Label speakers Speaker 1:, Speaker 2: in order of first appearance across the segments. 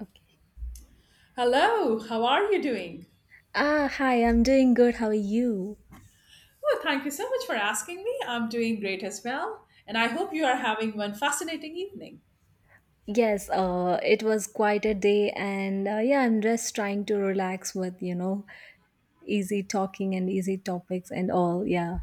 Speaker 1: Okay.
Speaker 2: Hello, how are you doing?
Speaker 1: Hi, I'm doing good. How are you?
Speaker 2: Well, thank you so much for asking me. I'm doing great as well, and I hope you are having one fascinating evening.
Speaker 1: Yes, it was quite a day, and yeah, I'm just trying to relax with, easy talking and easy topics and all. Yeah.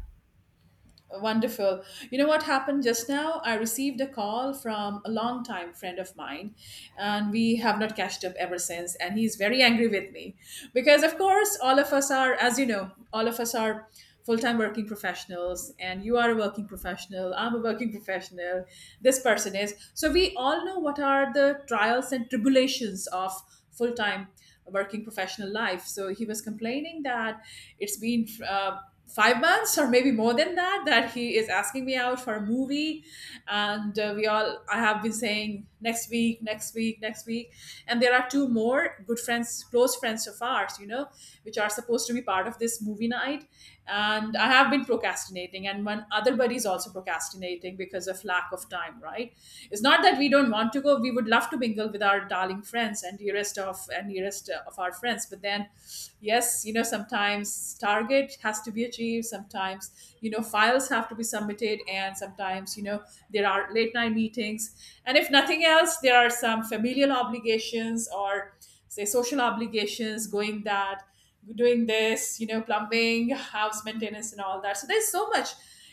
Speaker 2: Wonderful. You know what happened just now? I received a call from a longtime friend of mine, and we have not catched up ever since. And he's very angry with me because, of course, all of us are, as you know, all of us are full time working professionals, and you are a working professional, I'm a working professional, this person is. So, we all know what are the trials and tribulations of full time working professional life. So, he was complaining that it's been. 5 months or maybe more than that that he is asking me out for a movie, and we all I have been saying next week, next week, next week. And there are two more good friends, close friends of ours, you know, which are supposed to be part of this movie night, and I have been procrastinating, and one other buddy is also procrastinating because of lack of time, right? It's not that we don't want to go. We would love to mingle with our darling friends and dearest of and nearest list of our friends. But then, yes, you know, sometimes target has to be achieved. Sometimes, you know, files have to be submitted. And sometimes, you know, there are late night meetings. And if nothing else, there are some familial obligations or, say, social obligations going that doing this, you know, plumbing, house maintenance, and all that. So there's so much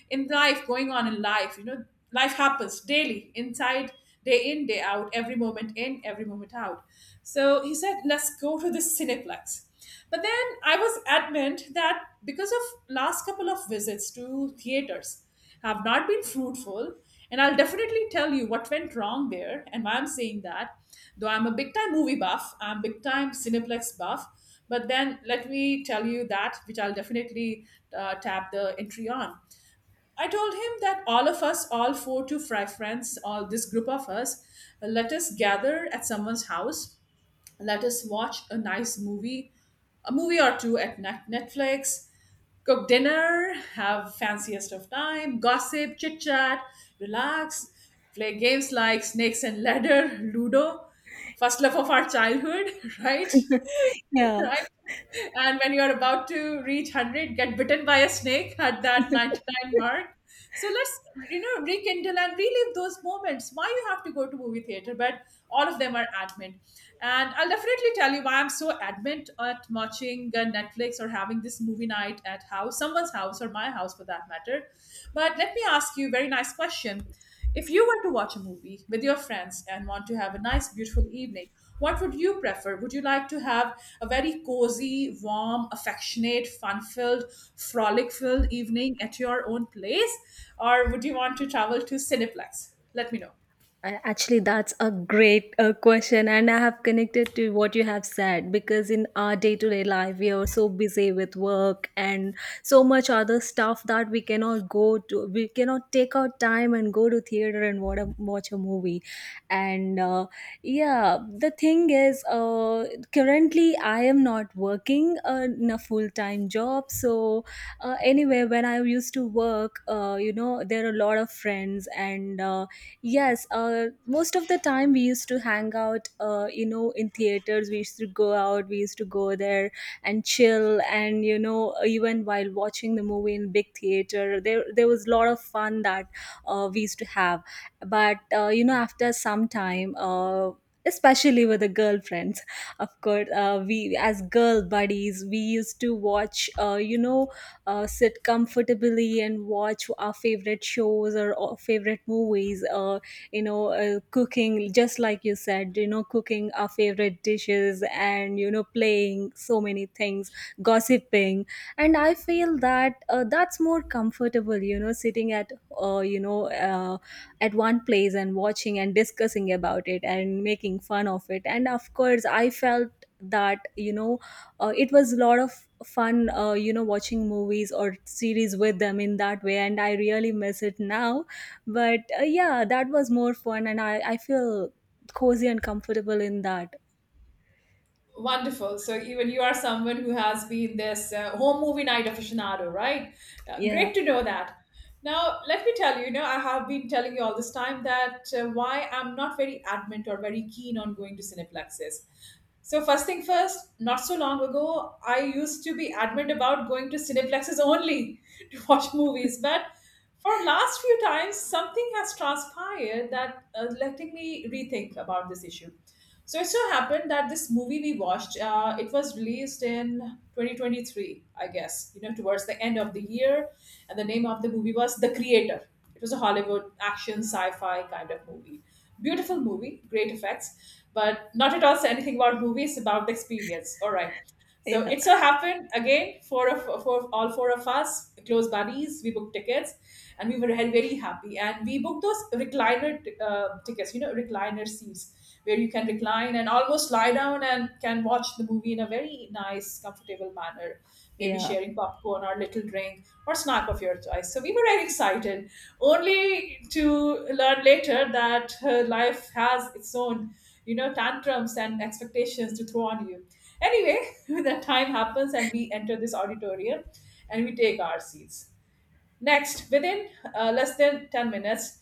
Speaker 2: in life going on in life. You know, life happens daily, inside, day in, day out, every moment in, every moment out. So he said, let's go to the Cineplex. But then I was adamant that because of last couple of visits to theaters have not been fruitful, and I'll definitely tell you what went wrong there and why I'm saying that. Though I'm a big time movie buff, I'm big time Cineplex buff, but then let me tell you that, which I'll definitely tap the entry on. I told him that all of us, all four to five friends, all this group of us, let us gather at someone's house. Let us watch a nice movie, a movie or two at Netflix, cook dinner, have fanciest of time, gossip, chit chat, relax, play games like Snakes and Ladder, Ludo, first love of our childhood, right?
Speaker 1: Yeah.
Speaker 2: Right? And when you're about to reach 100, get bitten by a snake at that 99 mark. So let's, you know, rekindle and relive those moments. Why you have to go to movie theater? But all of them are admin, and I'll definitely tell you why I'm so adamant at watching Netflix or having this movie night at house, someone's house, or my house for that matter. But let me ask you a very nice question. If you were to watch a movie with your friends and want to have a nice, beautiful evening, what would you prefer? Would you like to have a very cozy, warm, affectionate, fun filled, frolic filled evening at your own place? Or would you want to travel to Cineplex? Let me know.
Speaker 1: Actually, that's a great question, and I have connected to what you have said because in our day to day life, we are so busy with work and so much other stuff that we cannot take out time and go to theater and watch a movie. And yeah, the thing is, currently I am not working in a full time job, so anyway, when I used to work, there are a lot of friends and yes, most of the time we used to hang out, in theaters. We used to go out, we used to go there and chill, and even while watching the movie in big theater, there was a lot of fun that we used to have. But after some time, especially with the girlfriends, of course, we as girl buddies, we used to watch, sit comfortably and watch our favorite shows or favorite movies cooking just like you said, you know, cooking our favorite dishes and, you know, playing so many things, gossiping. And I feel that that's more comfortable, you know, sitting at uh, you know uh, at one place and watching and discussing about it and making fun of it. And of course, I felt that, it was a lot of fun, watching movies or series with them in that way, and I really miss it now. But yeah, that was more fun, and I feel cozy and comfortable in that.
Speaker 2: Wonderful. So even you are someone who has been this home movie night aficionado, right?
Speaker 1: Yeah.
Speaker 2: Great to know that. Now, let me tell you, you know, I have been telling you all this time that why I'm not very adamant or very keen on going to cineplexes. So first thing first, not so long ago, I used to be adamant about going to cineplexes only to watch movies, but for last few times something has transpired that letting me rethink about this issue. So it so happened that this movie we watched, it was released in 2023, I guess, you know, towards the end of the year. And the name of the movie was The Creator. It was a Hollywood action sci-fi kind of movie, beautiful movie, great effects. But not at all say anything about movies, about the experience, all right? So
Speaker 1: Yeah.
Speaker 2: it so happened again, four of for all four of us, close buddies, we booked tickets, and we were very very happy. And we booked those recliner tickets, you know, recliner seats where you can recline and almost lie down and can watch the movie in a very nice, comfortable manner. Maybe
Speaker 1: Yeah.
Speaker 2: sharing popcorn or little drink or snack of your choice. So we were very excited, only to learn later that life has its own, you know, tantrums and expectations to throw on you. Anyway, the time happens and we enter this auditorium and we take our seats. Next, within less than 10 minutes,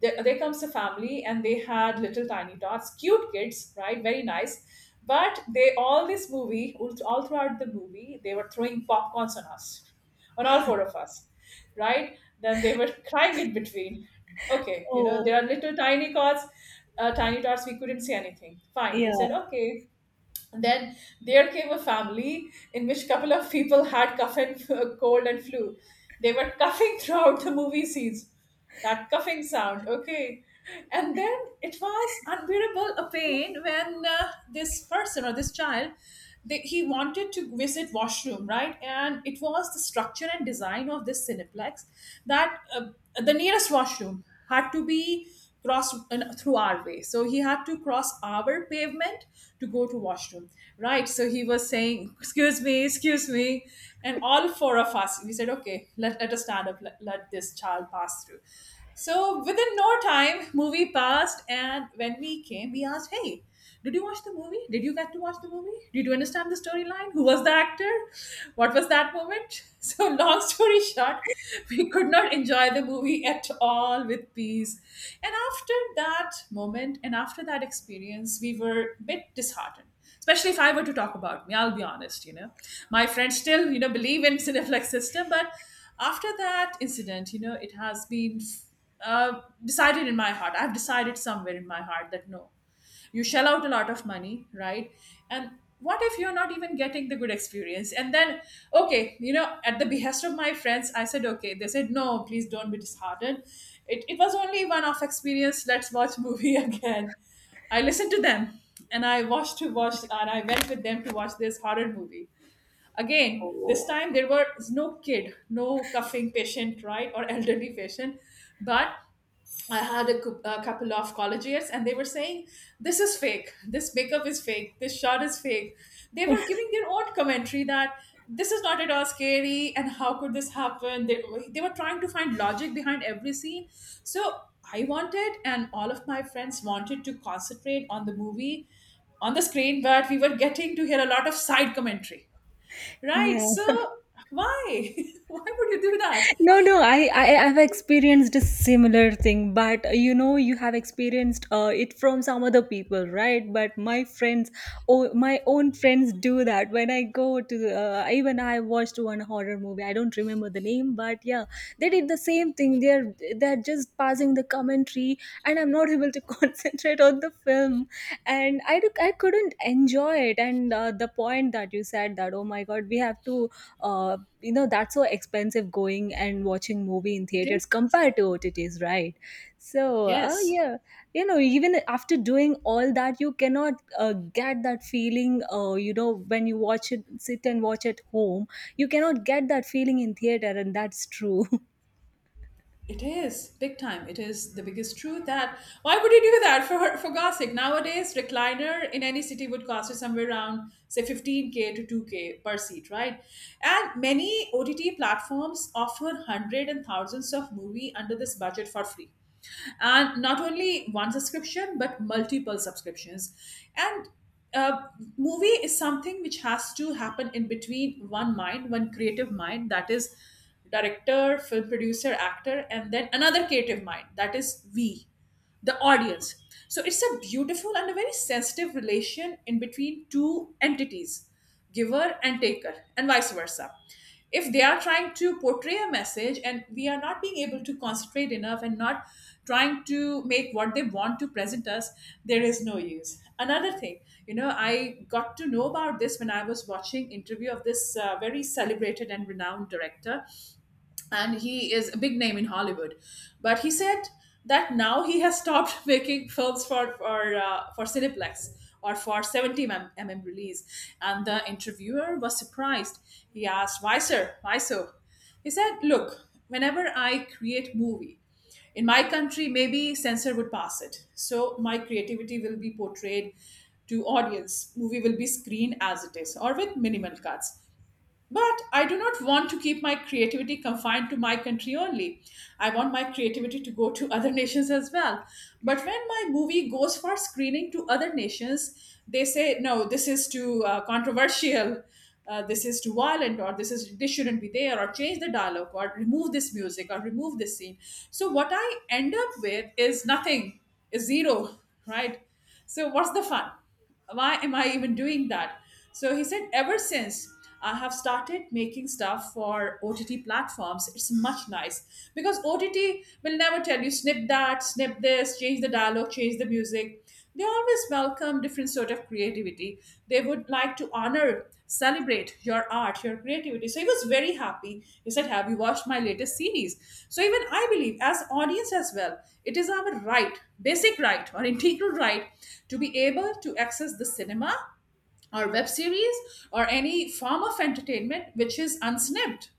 Speaker 2: there comes a family and they had little tiny tots, cute kids, right? Very nice. But all this movie, all throughout the movie, they were throwing popcorns on us, on all four of us, right? Then they were crying in between. Okay, you know,
Speaker 1: Oh,
Speaker 2: there are little tiny tots, tiny tots, we couldn't say anything. Fine. We said,
Speaker 1: yeah.
Speaker 2: okay, and then there came a family in which couple of people had cough and cold and flu. They were coughing throughout the movie scenes. That coughing sound, okay. And then it was unbearable a pain when this person or this child, he wanted to visit washroom, right? And it was the structure and design of this cineplex that the nearest washroom had to be crossed through our way. So he had to cross our pavement to go to washroom, right? So he was saying, excuse me, excuse me. And all four of us, we said, okay, let us stand up, let this child pass through. So within no time movie passed, and when we came we asked, hey, did you watch the movie? Did you get to watch the movie? Did you understand the storyline? Who was the actor? What was that moment? So, long story short, we could not enjoy the movie at all with peace. And after that moment and after that experience, we were a bit disheartened. Especially if I were to talk about me, I'll be honest, you know. My friends still, you know, believe in Cineflex system, but after that incident, you know, it has been decided in my heart. I've decided somewhere in my heart that no, you shell out a lot of money, right? And what if you're not even getting the good experience? And then okay, you know, at the behest of my friends I said okay. They said, no, please don't be disheartened, it was only one off experience, let's watch movie again. I listened to them, and I watched to watch and I went with them to watch this horror movie. Again this
Speaker 1: Oh,
Speaker 2: time there was no kid, no coughing patient, right, or elderly patient. But I had a a couple of college years, and they were saying, this is fake, this makeup is fake, this shot is fake. They were giving their own commentary that this is not at all scary and how could this happen? They were trying to find logic behind every scene. So I wanted, and all of my friends wanted to concentrate on the movie on the screen, but we were getting to hear a lot of side commentary. Right?
Speaker 1: yeah.
Speaker 2: So why? Why would you do that?
Speaker 1: No, no, I've experienced a similar thing, but you know, you have experienced it from some other people, right? But my friends, oh, my own friends do that when I go to even I watched one horror movie, I don't remember the name, but yeah, they did the same thing. They're just passing the commentary and I'm not able to concentrate on the film. And I couldn't enjoy it. And the point that you said, that, oh my god, we have to uh, that's so expensive, going and watching movie in
Speaker 2: It
Speaker 1: theaters
Speaker 2: is.
Speaker 1: compared to OTTs, right? So
Speaker 2: Yes.
Speaker 1: yeah, you know, even after doing all that, you cannot get that feeling. You know, when you watch it, sit and watch at home, you cannot get that feeling in theater, and that's true.
Speaker 2: It is big time. It is the biggest truth that why would you do that for God's sake? Nowadays, recliner in any city would cost you somewhere around say 15K to 2K per seat, right? And many OTT platforms offer hundred and thousands of movie under this budget for free, and not only one subscription but multiple subscriptions. And uh, movie is something which has to happen in between one mind, one creative mind, that is director, film producer, actor, and then another creative mind, that is we, the audience. So it's a beautiful and a very sensitive relation in between two entities, giver and taker, and vice versa. If they are trying to portray a message and we are not being able to concentrate enough and not trying to make what they want to present us, there is no use. Another thing, you know, I got to know about this when I was watching interview of this very celebrated and renowned director, and he is a big name in Hollywood. But he said that now he has stopped making films for for Cineplex or for 70 mm release. And the interviewer was surprised. He asked, "Why, sir? Why so?" He said, "Look, whenever I create movie. In my country, maybe censor would pass it. So my creativity will be portrayed to audience. Movie will be screened as it is or with minimal cuts. But I do not want to keep my creativity confined to my country only. I want my creativity to go to other nations as well. But when my movie goes for screening to other nations, they say, no, this is too controversial, this is too violent, or this shouldn't be there, or change the dialogue, or remove this music, or remove this scene. So what I end up with is nothing, is zero, right? So what's the fun? Why am I even doing that? So he said, ever since I have started making stuff for OTT platforms, it's much nice because OTT will never tell you snip that, snip this, change the dialogue, change the music. They always welcome different sort of creativity. They would like to honor, celebrate your art, your creativity. So he was very happy. He said, "Have you watched my latest series?" So even I believe, as audience as well, it is our right, basic right or integral right, to be able to access the cinema or web series or any form of entertainment which is unsnipped,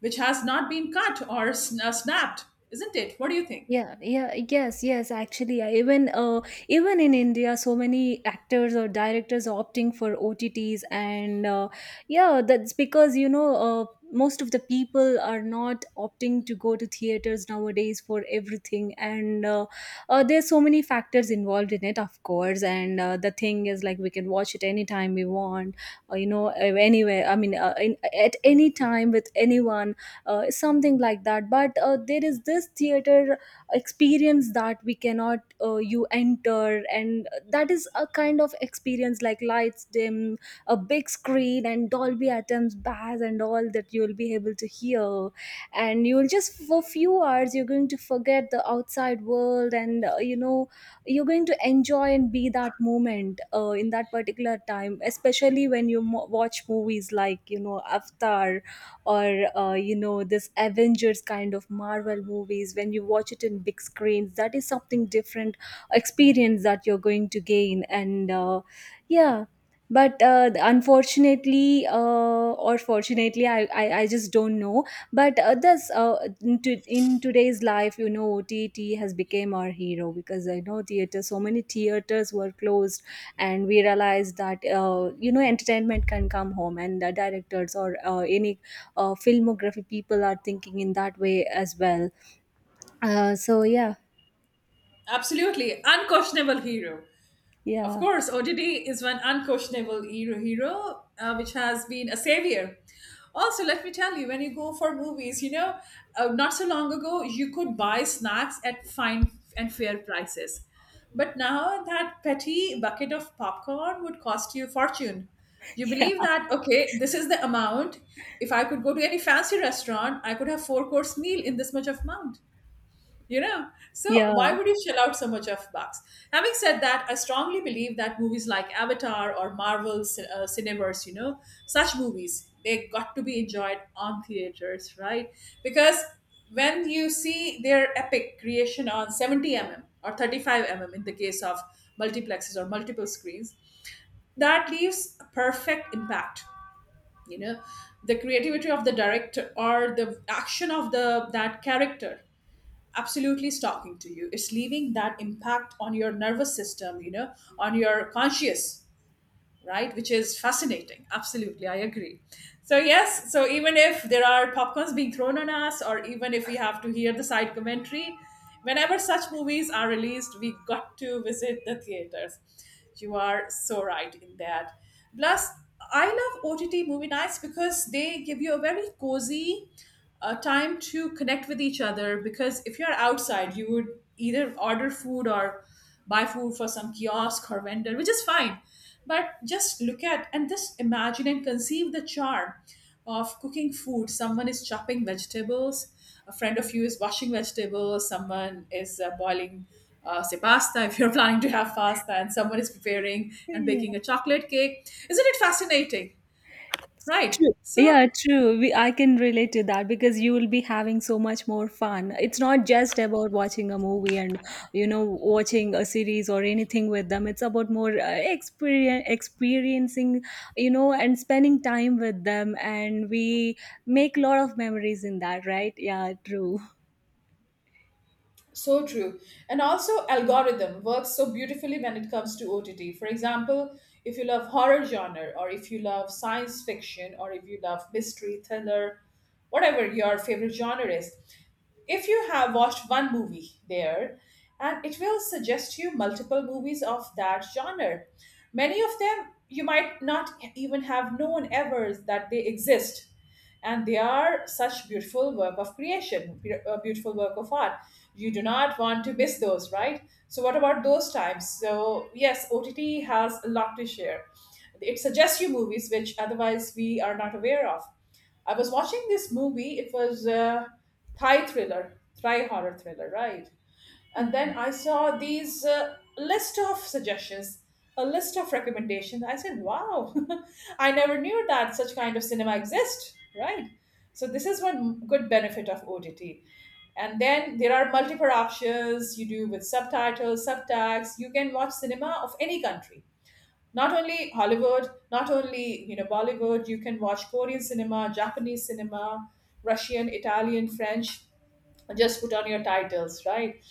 Speaker 2: which has not been cut or snapped. Isn't it? What do you think?
Speaker 1: Yeah, yeah, yes, yes. Actually, even even in India, so many actors or directors are opting for OTTs, and yeah, that's because, most of the people are not opting to go to theaters nowadays for everything, and there's so many factors involved in it, of course. And the thing is, like, we can watch it anytime we want, anywhere. I mean, at any time with anyone, something like that. But there is this theater experience that we cannot you enter, and that is a kind of experience, like lights dim, a big screen, and Dolby Atmos, bass, and all that you'll be able to hear, and you'll just for few hours you're going to forget the outside world. And you know, you're going to enjoy and be that moment in that particular time, especially when you watch movies like, you know, Avatar or, this Avengers kind of Marvel movies. When you watch it in big screens, that is something different experience that you're going to gain. And yeah, but unfortunately or fortunately, I just don't know. But others, in today's life, you know, OTT has become our hero, because I know theater, so many theaters were closed, and we realized that you know, entertainment can come home, and the directors or any filmography people are thinking in that way as well. So, yeah.
Speaker 2: Absolutely unquestionable hero. Of
Speaker 1: Yeah.
Speaker 2: course, ODD is one unquestionable hero which has been a savior. Also, let me tell you, when you go for movies, not so long ago, you could buy snacks at fine and fair prices. But now that petty bucket of popcorn would cost you a fortune. You believe that, okay, this is the amount. If I could go to any fancy restaurant, I could have four course meal in this much of amount. You know, so why
Speaker 1: Yeah.
Speaker 2: would you shell out so much of bucks? Having said that, I strongly believe that movies like Avatar or Marvel's Cineverse, you know, such movies, they got to be enjoyed on theaters, right? Because when you see their epic creation on 70 mm or 35 mm, in the case of multiplexes or multiple screens, that leaves a perfect impact, you know. The creativity of the director or the action of the that character absolutely is talking to you. It's leaving that impact on your nervous system, you know, on your conscious, right? Which is fascinating. Absolutely, I agree. So yes, so even if there are popcorns being thrown on us, or even if we have to hear the side commentary, whenever such movies are released, we got to visit the theaters. You are so right in that. Plus, I love OTT movie nights because they give you a very cozy time to connect with each other. Because if you're outside, you would either order food or buy food for some kiosk or vendor, which is fine. But just look at and just imagine and conceive the charm of cooking food. Someone is chopping vegetables, a friend of you is washing vegetables, someone is boiling say pasta, if you're planning to have pasta, and someone is preparing and
Speaker 1: Yeah.
Speaker 2: baking a chocolate cake. Isn't it fascinating? Right?
Speaker 1: True.
Speaker 2: So,
Speaker 1: Yeah, true. We, I can relate to that, because you will be having so much more fun. It's not just about watching a movie and, you know, watching a series or anything with them. It's about more experiencing, you know, and spending time with them, and we make a lot of memories in that, right? Yeah, true.
Speaker 2: so true. And also, algorithm works so beautifully when it comes to OTT. For example, if you love horror genre, or if you love science fiction, or if you love mystery, thriller, whatever your favorite genre is, if you have watched one movie there, and it will suggest you multiple movies of that genre, many of them you might not even have known ever that they exist, and they are such beautiful work of creation, a beautiful work of art. You do not want to miss those, right? So what about those times? So yes, OTT has a lot to share. It suggests you movies which otherwise we are not aware of. I was watching this movie. It was a Thai thriller, Thai horror thriller, right? And
Speaker 1: Okay.
Speaker 2: then I saw these list of suggestions, a list of recommendations. I said, "Wow, I never knew that such kind of cinema exists." Right? So this is one good benefit of OTT. And then there are multiple options you do with subtitles, subtags. You can watch cinema of any country, not only Hollywood, not only, you know, Bollywood. You can watch Korean cinema, Japanese cinema, Russian, Italian, French. Just put on your titles, right?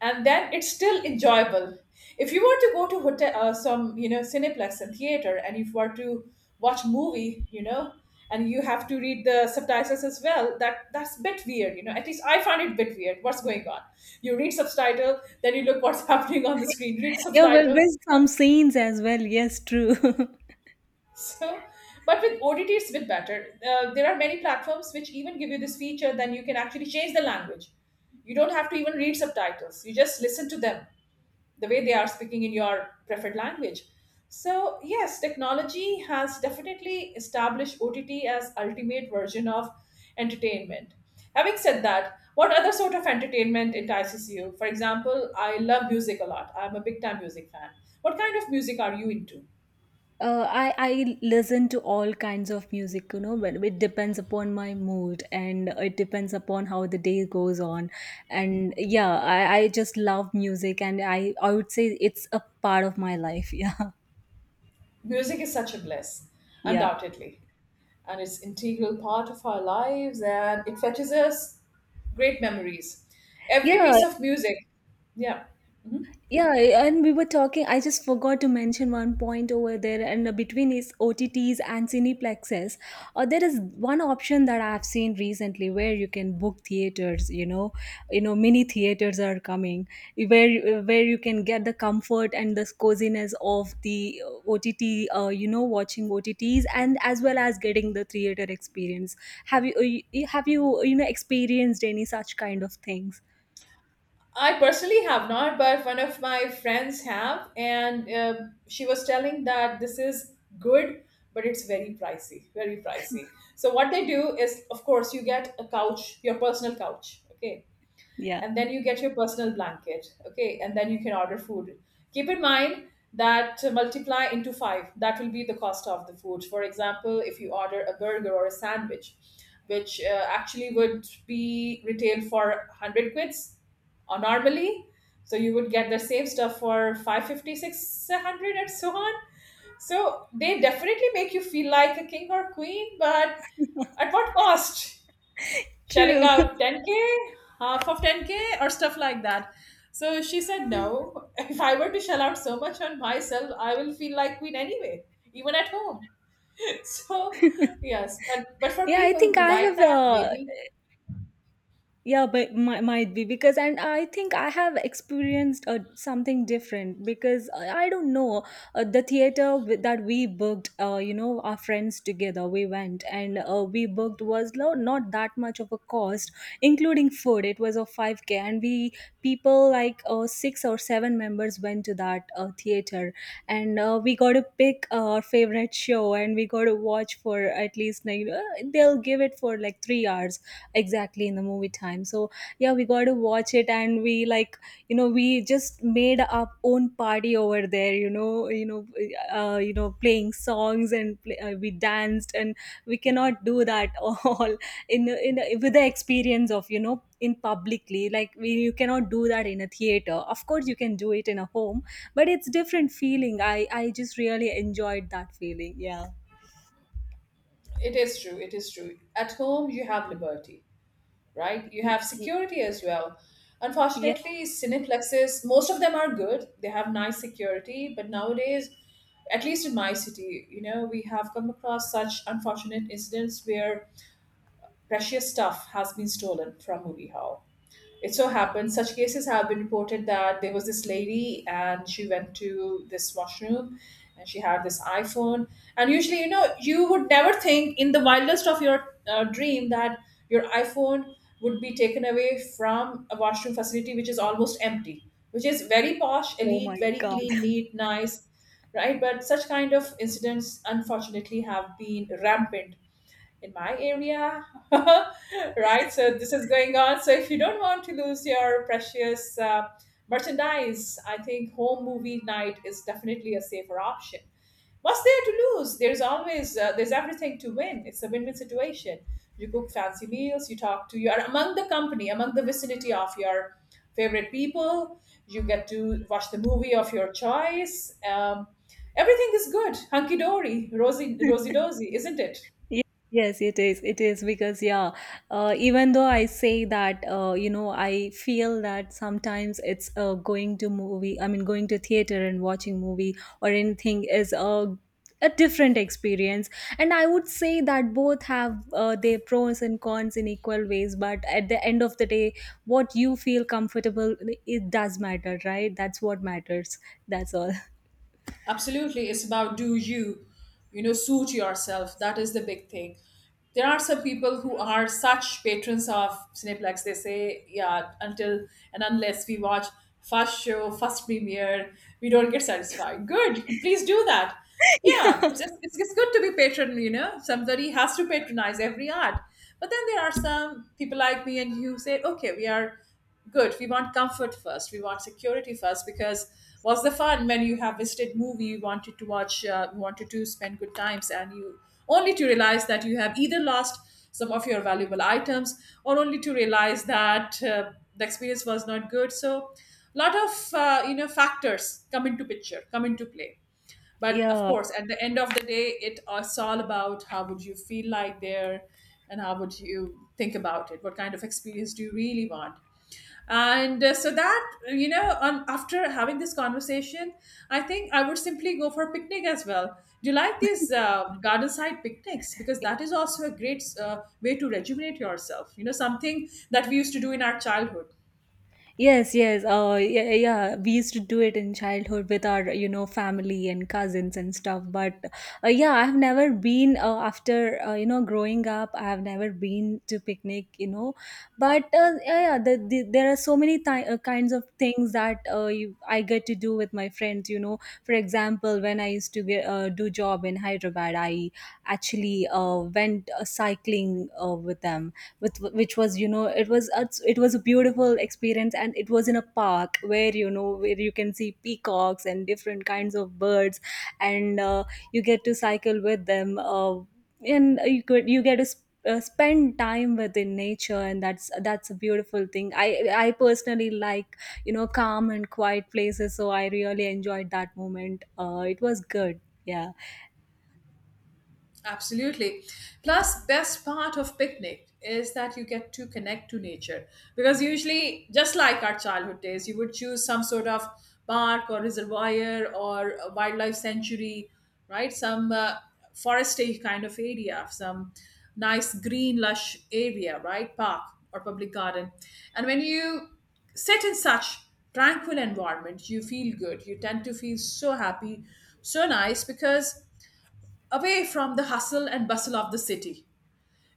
Speaker 2: And then it's still enjoyable. If you were to go to hotel, some, you know, cineplex and theater, and if you were to watch movie, you know, and you have to read the subtitles as well, that's a bit weird, you know. At least I find it a bit weird. What's going on? You read subtitle, then you look what's happening on the screen. Read
Speaker 1: Yeah, well,
Speaker 2: subtitle.
Speaker 1: with some scenes as well. Yes, true.
Speaker 2: So, but with OTT, it's a bit better. There are many platforms which even give you this feature, then you can actually change the language. You don't have to even read subtitles, you just listen to them the way they are speaking in your preferred language. So, yes, technology has definitely established OTT as ultimate version of entertainment. Having said that, what other sort of entertainment entices you? For example, I love music a lot. I'm a big time music fan. What kind of music are you into?
Speaker 1: I listen to all kinds of music, you know, but it depends upon my mood and it depends upon how the day goes on. And yeah, I just love music, and I would say it's a part of my life. Yeah.
Speaker 2: Music is such a bliss,
Speaker 1: Yeah.
Speaker 2: undoubtedly, and it's integral part of our lives, and it fetches us great memories. Every
Speaker 1: Yeah.
Speaker 2: piece of music, yeah. Mhm.
Speaker 1: Yeah, and we were talking. I just forgot to mention one point over there, and between is OTTs and cineplexes. There is one option that I've seen recently where you can book theaters. You know, mini theaters are coming, where you can get the comfort and the coziness of the OTT. You know, watching OTTs and as well as getting the theater experience. Have you you know experienced any such kind of things?
Speaker 2: I personally have not, but one of my friends have, and she was telling that this is good, but it's very pricey, very pricey. So what they do is, of course, you get a couch, your personal couch, okay,
Speaker 1: Yeah,
Speaker 2: and then you get your personal blanket, okay, and then you can order food. Keep in mind that multiply into five, that will be the cost of the food. For example, if you order a burger or a sandwich which actually would be retailed for 100 quids or normally, so you would get the same stuff for five fifty, six hundred and so on. So they definitely make you feel like a king or queen, but at what cost? Shelling
Speaker 1: true.
Speaker 2: out 10k, half of 10k or stuff like that. So she said, no, if I were to shell out so much on myself, I will feel like queen anyway, even at home. So yes, but for
Speaker 1: Yeah, I
Speaker 2: people
Speaker 1: think
Speaker 2: who
Speaker 1: I
Speaker 2: like
Speaker 1: have
Speaker 2: that, maybe.
Speaker 1: yeah, but might be because, and I think I have experienced something different, because I don't know, the that we booked, you know, our friends together, we went, and we booked not that much of a cost. Including food it was a 5k, and we people, like six or seven members, went to that theater. And we got to pick our favorite show and we got to watch for at least like they'll give it for like 3 hours, exactly in the movie time. So yeah, we got to watch it, and we like, you know, we just made our own party over there, you know, you know, playing songs and we danced. And we cannot do that all in with the experience of, you know, in publicly like you cannot do that in a theater, of course. You can do it in a home, but it's different feeling. I just really enjoyed that feeling. Yeah.
Speaker 2: It is true, it is true. At home, you have liberty, right? You
Speaker 1: Y-
Speaker 2: have
Speaker 1: y-
Speaker 2: security as well.
Speaker 1: yeah.
Speaker 2: Unfortunately, cineplexes, most of them are good. They have nice security, but nowadays, at least in my city, you know, we have come across such unfortunate incidents where precious stuff has been stolen from movie hall. It so happened, such cases have been reported, that there was this lady and she went to this washroom, and she had this iPhone. And usually, you know, you would never think in the wildest of your dream that your iPhone would be taken away from a washroom facility which is almost empty, which is very posh,
Speaker 1: Oh my
Speaker 2: elite, very
Speaker 1: god.
Speaker 2: clean, neat, nice, right? But such kind of incidents, unfortunately, have been rampant in my area. Right, so this is going on. So if you don't want to lose your precious merchandise, I think home movie night is definitely a safer option. What's there to lose? There's everything to win. It's a win-win situation. You cook fancy meals, you talk to, you're among the company, among the vicinity of your favorite people, you get to watch the movie of your choice, um, everything is good, hunky-dory, rosy, rosy-dozy, isn't it?
Speaker 1: Ye- Yes, it is. It is because, yeah, even though I say that, you know, I feel that sometimes it's I mean, going to theater and watching movie or anything is a different experience. And I would say that both have their pros and cons in equal ways. But at the end of the day, what you feel comfortable, it does matter, right? That's what matters. That's all.
Speaker 2: Absolutely. It's about, do you, you know, suit yourself? That is the big thing. There are some people who are such patrons of cineplex, they say, yeah, until and unless we watch first show, first premiere, we don't get satisfied. Good, please do that. Yeah, it's good to be patron, you know. Somebody has to patronize every art. But then there are some people like me and you, who say, okay, we are good, we want comfort first, we want security first. Because what's the fun when you have visited movie, you wanted to watch, you wanted to spend good times, and you only to realize that you have either lost some of your valuable items, or only to realize that the experience was not good. So lot of you know, factors come into play. But of
Speaker 1: Yeah.
Speaker 2: course, at the end of the day, it's all about how would you feel like there, and how would you think about it, what kind of experience do you really want. And so that, you know, on after having this conversation, I think I would simply go for a picnic as well. Do you like these garden side picnics? Because that is also a great way to rejuvenate yourself, you know, something that we used to do in our childhood.
Speaker 1: Yes, yes. Yeah, yeah. We used to do it in childhood with our, you know, family and cousins and stuff. But yeah, I've never been, after, you know, growing up, I've never been to picnic, you know. But yeah, yeah, there are so many kinds of things that I get to do with my friends. You know, for example, when I used to do job in Hyderabad, I actually went cycling with them, with which was, you know, it was a beautiful experience. And it was in a park where, you know, where you can see peacocks and different kinds of birds. And you get to cycle with them, and you get to spend time within nature, and that's a beautiful thing. I personally like, you know, calm and quiet places, so I really enjoyed that moment. It was good. Yeah.
Speaker 2: Absolutely. Plus, best part of picnic is that you get to connect to nature because usually, just like our childhood days, you would choose some sort of park or reservoir or a wildlife sanctuary, right? Some foresty kind of area, some nice green lush area, right? Park or public garden, and when you sit in such tranquil environment, you feel good. You tend to feel so happy, so nice because away from the hustle and bustle of the city.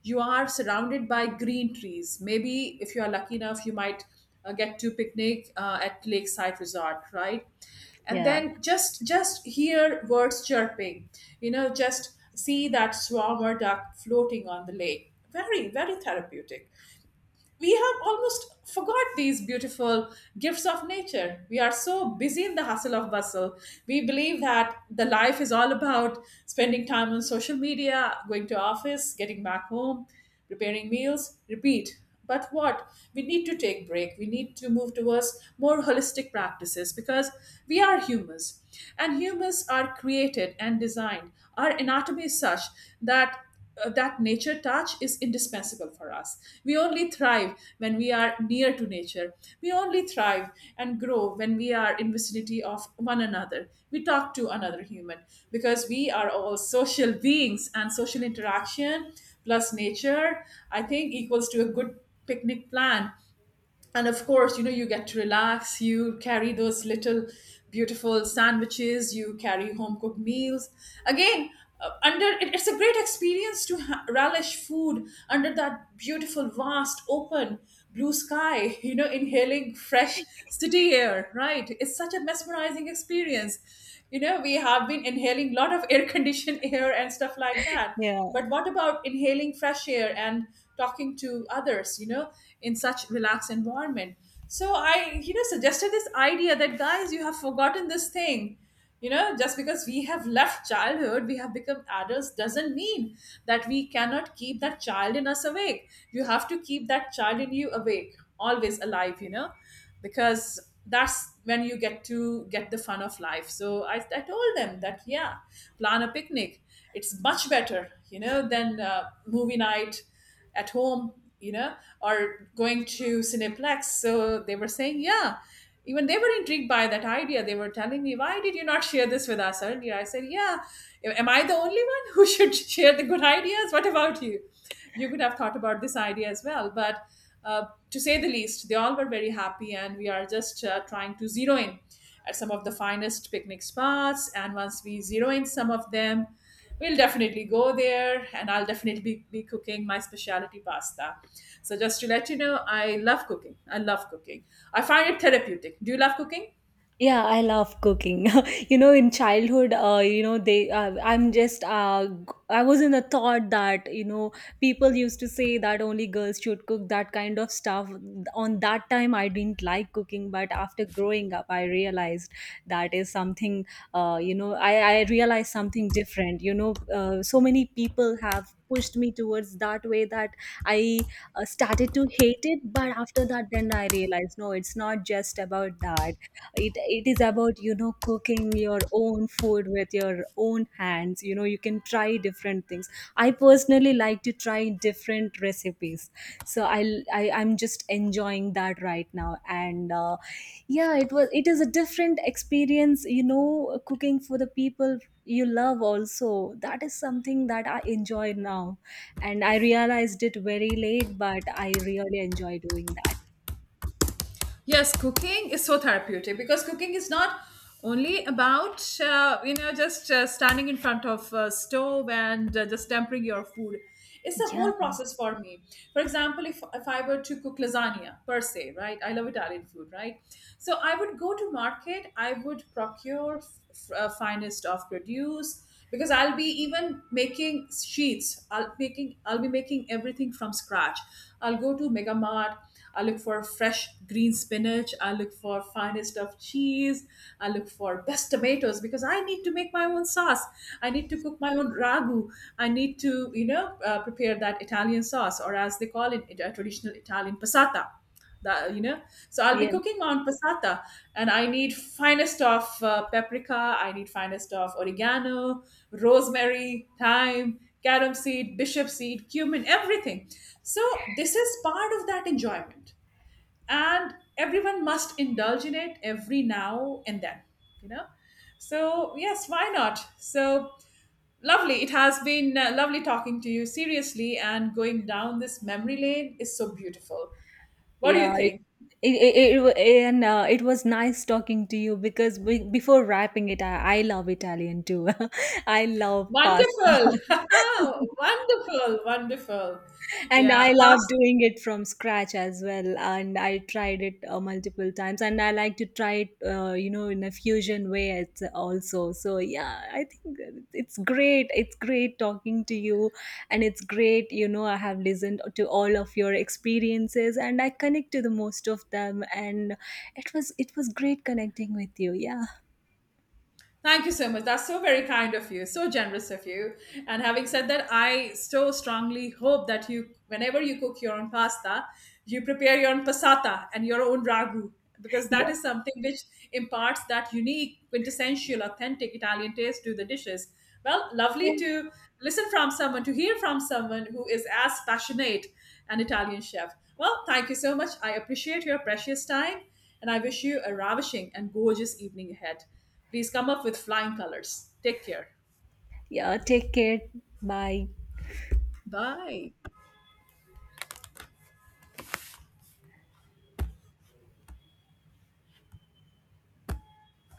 Speaker 2: You are surrounded by green trees. Maybe if you are lucky enough, you might get to picnic at Lakeside Resort, right? And
Speaker 1: Yeah.
Speaker 2: then just hear birds chirping. You know, just see that swarm or duck floating on the lake. Very therapeutic. We have almost forgot these beautiful gifts of nature. We are so busy in the hustle of bustle. We believe that the life is all about spending time on social media, going to office, getting back home, preparing meals, repeat. But what, we need to take break, we need to move towards more holistic practices because we are humans, and humans are created and designed, our anatomy is such that that nature touch is indispensable for us. We only thrive when we are near to nature. We only thrive and grow when we are in vicinity of one another. We talk to another human because we are all social beings, and social interaction plus nature, I think, equals to a good picnic plan. And of course, you know, you get to relax, you carry those little beautiful sandwiches, you carry home cooked meals again. It's a great experience to relish food under that beautiful vast open blue sky you know, inhaling fresh city air, right? It's such a mesmerizing experience. You know, we have been inhaling a lot of air conditioned air and stuff like that,
Speaker 1: Yeah.
Speaker 2: but what about inhaling fresh air and talking to others, you know, in such relaxed environment? So I, you know, suggested this idea that guys, you have forgotten this thing. You know, just because we have left childhood, we have become adults, doesn't mean that we cannot keep that child in us awake. You have to keep that child in you awake, always alive, you know, because that's when you get to get the fun of life. I told them that, yeah, plan a picnic. It's much better, you know, than movie night at home, you know, or going to cineplex. So they were saying, yeah, even they were intrigued by that idea. They were telling me, why did you not share this with us earlier? I said, yeah, am I the only one who should share the good ideas? What about you? You could have thought about this idea as well. But to say the least, they all were very happy, and we are just trying to zero in at some of the finest picnic spots. And once we zero in some of them, we'll definitely go there, and I'll definitely be cooking my specialty pasta. So, just to let you know, I love cooking. I love cooking. I find it therapeutic. Do you love cooking?
Speaker 1: Yeah, I love cooking. You know, in childhood, you know, they, I'm just, g- I was in the thought that, you know, people used to say that only girls should cook that kind of stuff. On that time, I didn't like cooking, but after growing up, I realized that is something, I realized something different. You know, so many people have pushed me towards that way that I started to hate it. But after that, then I realized, no, it's not just about that. It is about, you know, cooking your own food with your own hands. You know, you can try different things. I personally like to try different recipes. So I'll, I'm just enjoying that right now. And yeah, it is a different experience, you know, cooking for the people you love. Also, that is something that I enjoy now, and I realized it very late, but I really enjoy doing that.
Speaker 2: Yes, cooking is so therapeutic because cooking is not only about you know, just standing in front of a stove and just tempering your food. It's the
Speaker 1: Yeah.
Speaker 2: whole process for me. For example, if I were to cook lasagna per se, right? I love Italian food, right? So I would go to market. I would procure finest of produce because I'll be even making sheets. I'll be making everything from scratch. I'll go to Mega Mart. I look for fresh green spinach. I look for finest of cheese. I look for best tomatoes because I need to make my own sauce. I need to cook my own ragu. I need to, you know, prepare that Italian sauce, or as they call it, a traditional Italian passata, that you know. So I'll be
Speaker 1: Yeah.
Speaker 2: cooking on passata, and I need finest of paprika, I need finest of oregano, rosemary, thyme, carom seed, bishop seed, cumin, everything. So this is part of that enjoyment, and everyone must indulge in it every now and then, you know. So, yes, why not? So lovely it has been, lovely talking to you, seriously, and going down this memory lane is so beautiful. What do
Speaker 1: Yeah,
Speaker 2: you think?
Speaker 1: it, and it was nice talking to you. Because before wrapping it, I love Italian too. I love pasta.
Speaker 2: Wonderful. Wonderful. Wonderful.
Speaker 1: And
Speaker 2: Yeah.
Speaker 1: I love
Speaker 2: Pas-
Speaker 1: doing it from scratch as well. And I tried it multiple times. And I like to try it, you know, in a fusion way, it's also. So, yeah, I think that it's great. It's great talking to you. And it's great, you know, I have listened to all of your experiences and I connect to the most of them. And it was great connecting with you. Yeah.
Speaker 2: Thank you so much. That's so very kind of you. So generous of you. And having said that, I so strongly hope that you, whenever you cook your own pasta, you prepare your own passata and your own ragu, because that
Speaker 1: Yeah.
Speaker 2: is something which imparts that unique, quintessential, authentic Italian taste to the dishes. Well,
Speaker 1: Yeah.
Speaker 2: lovely to listen from someone, to hear from someone who is as passionate an Italian chef. Well, thank you so much. I appreciate your precious time, and I wish you a ravishing and gorgeous evening ahead. Please come up with flying colors. Take care.
Speaker 1: Yeah. Take care. Bye.
Speaker 2: Bye.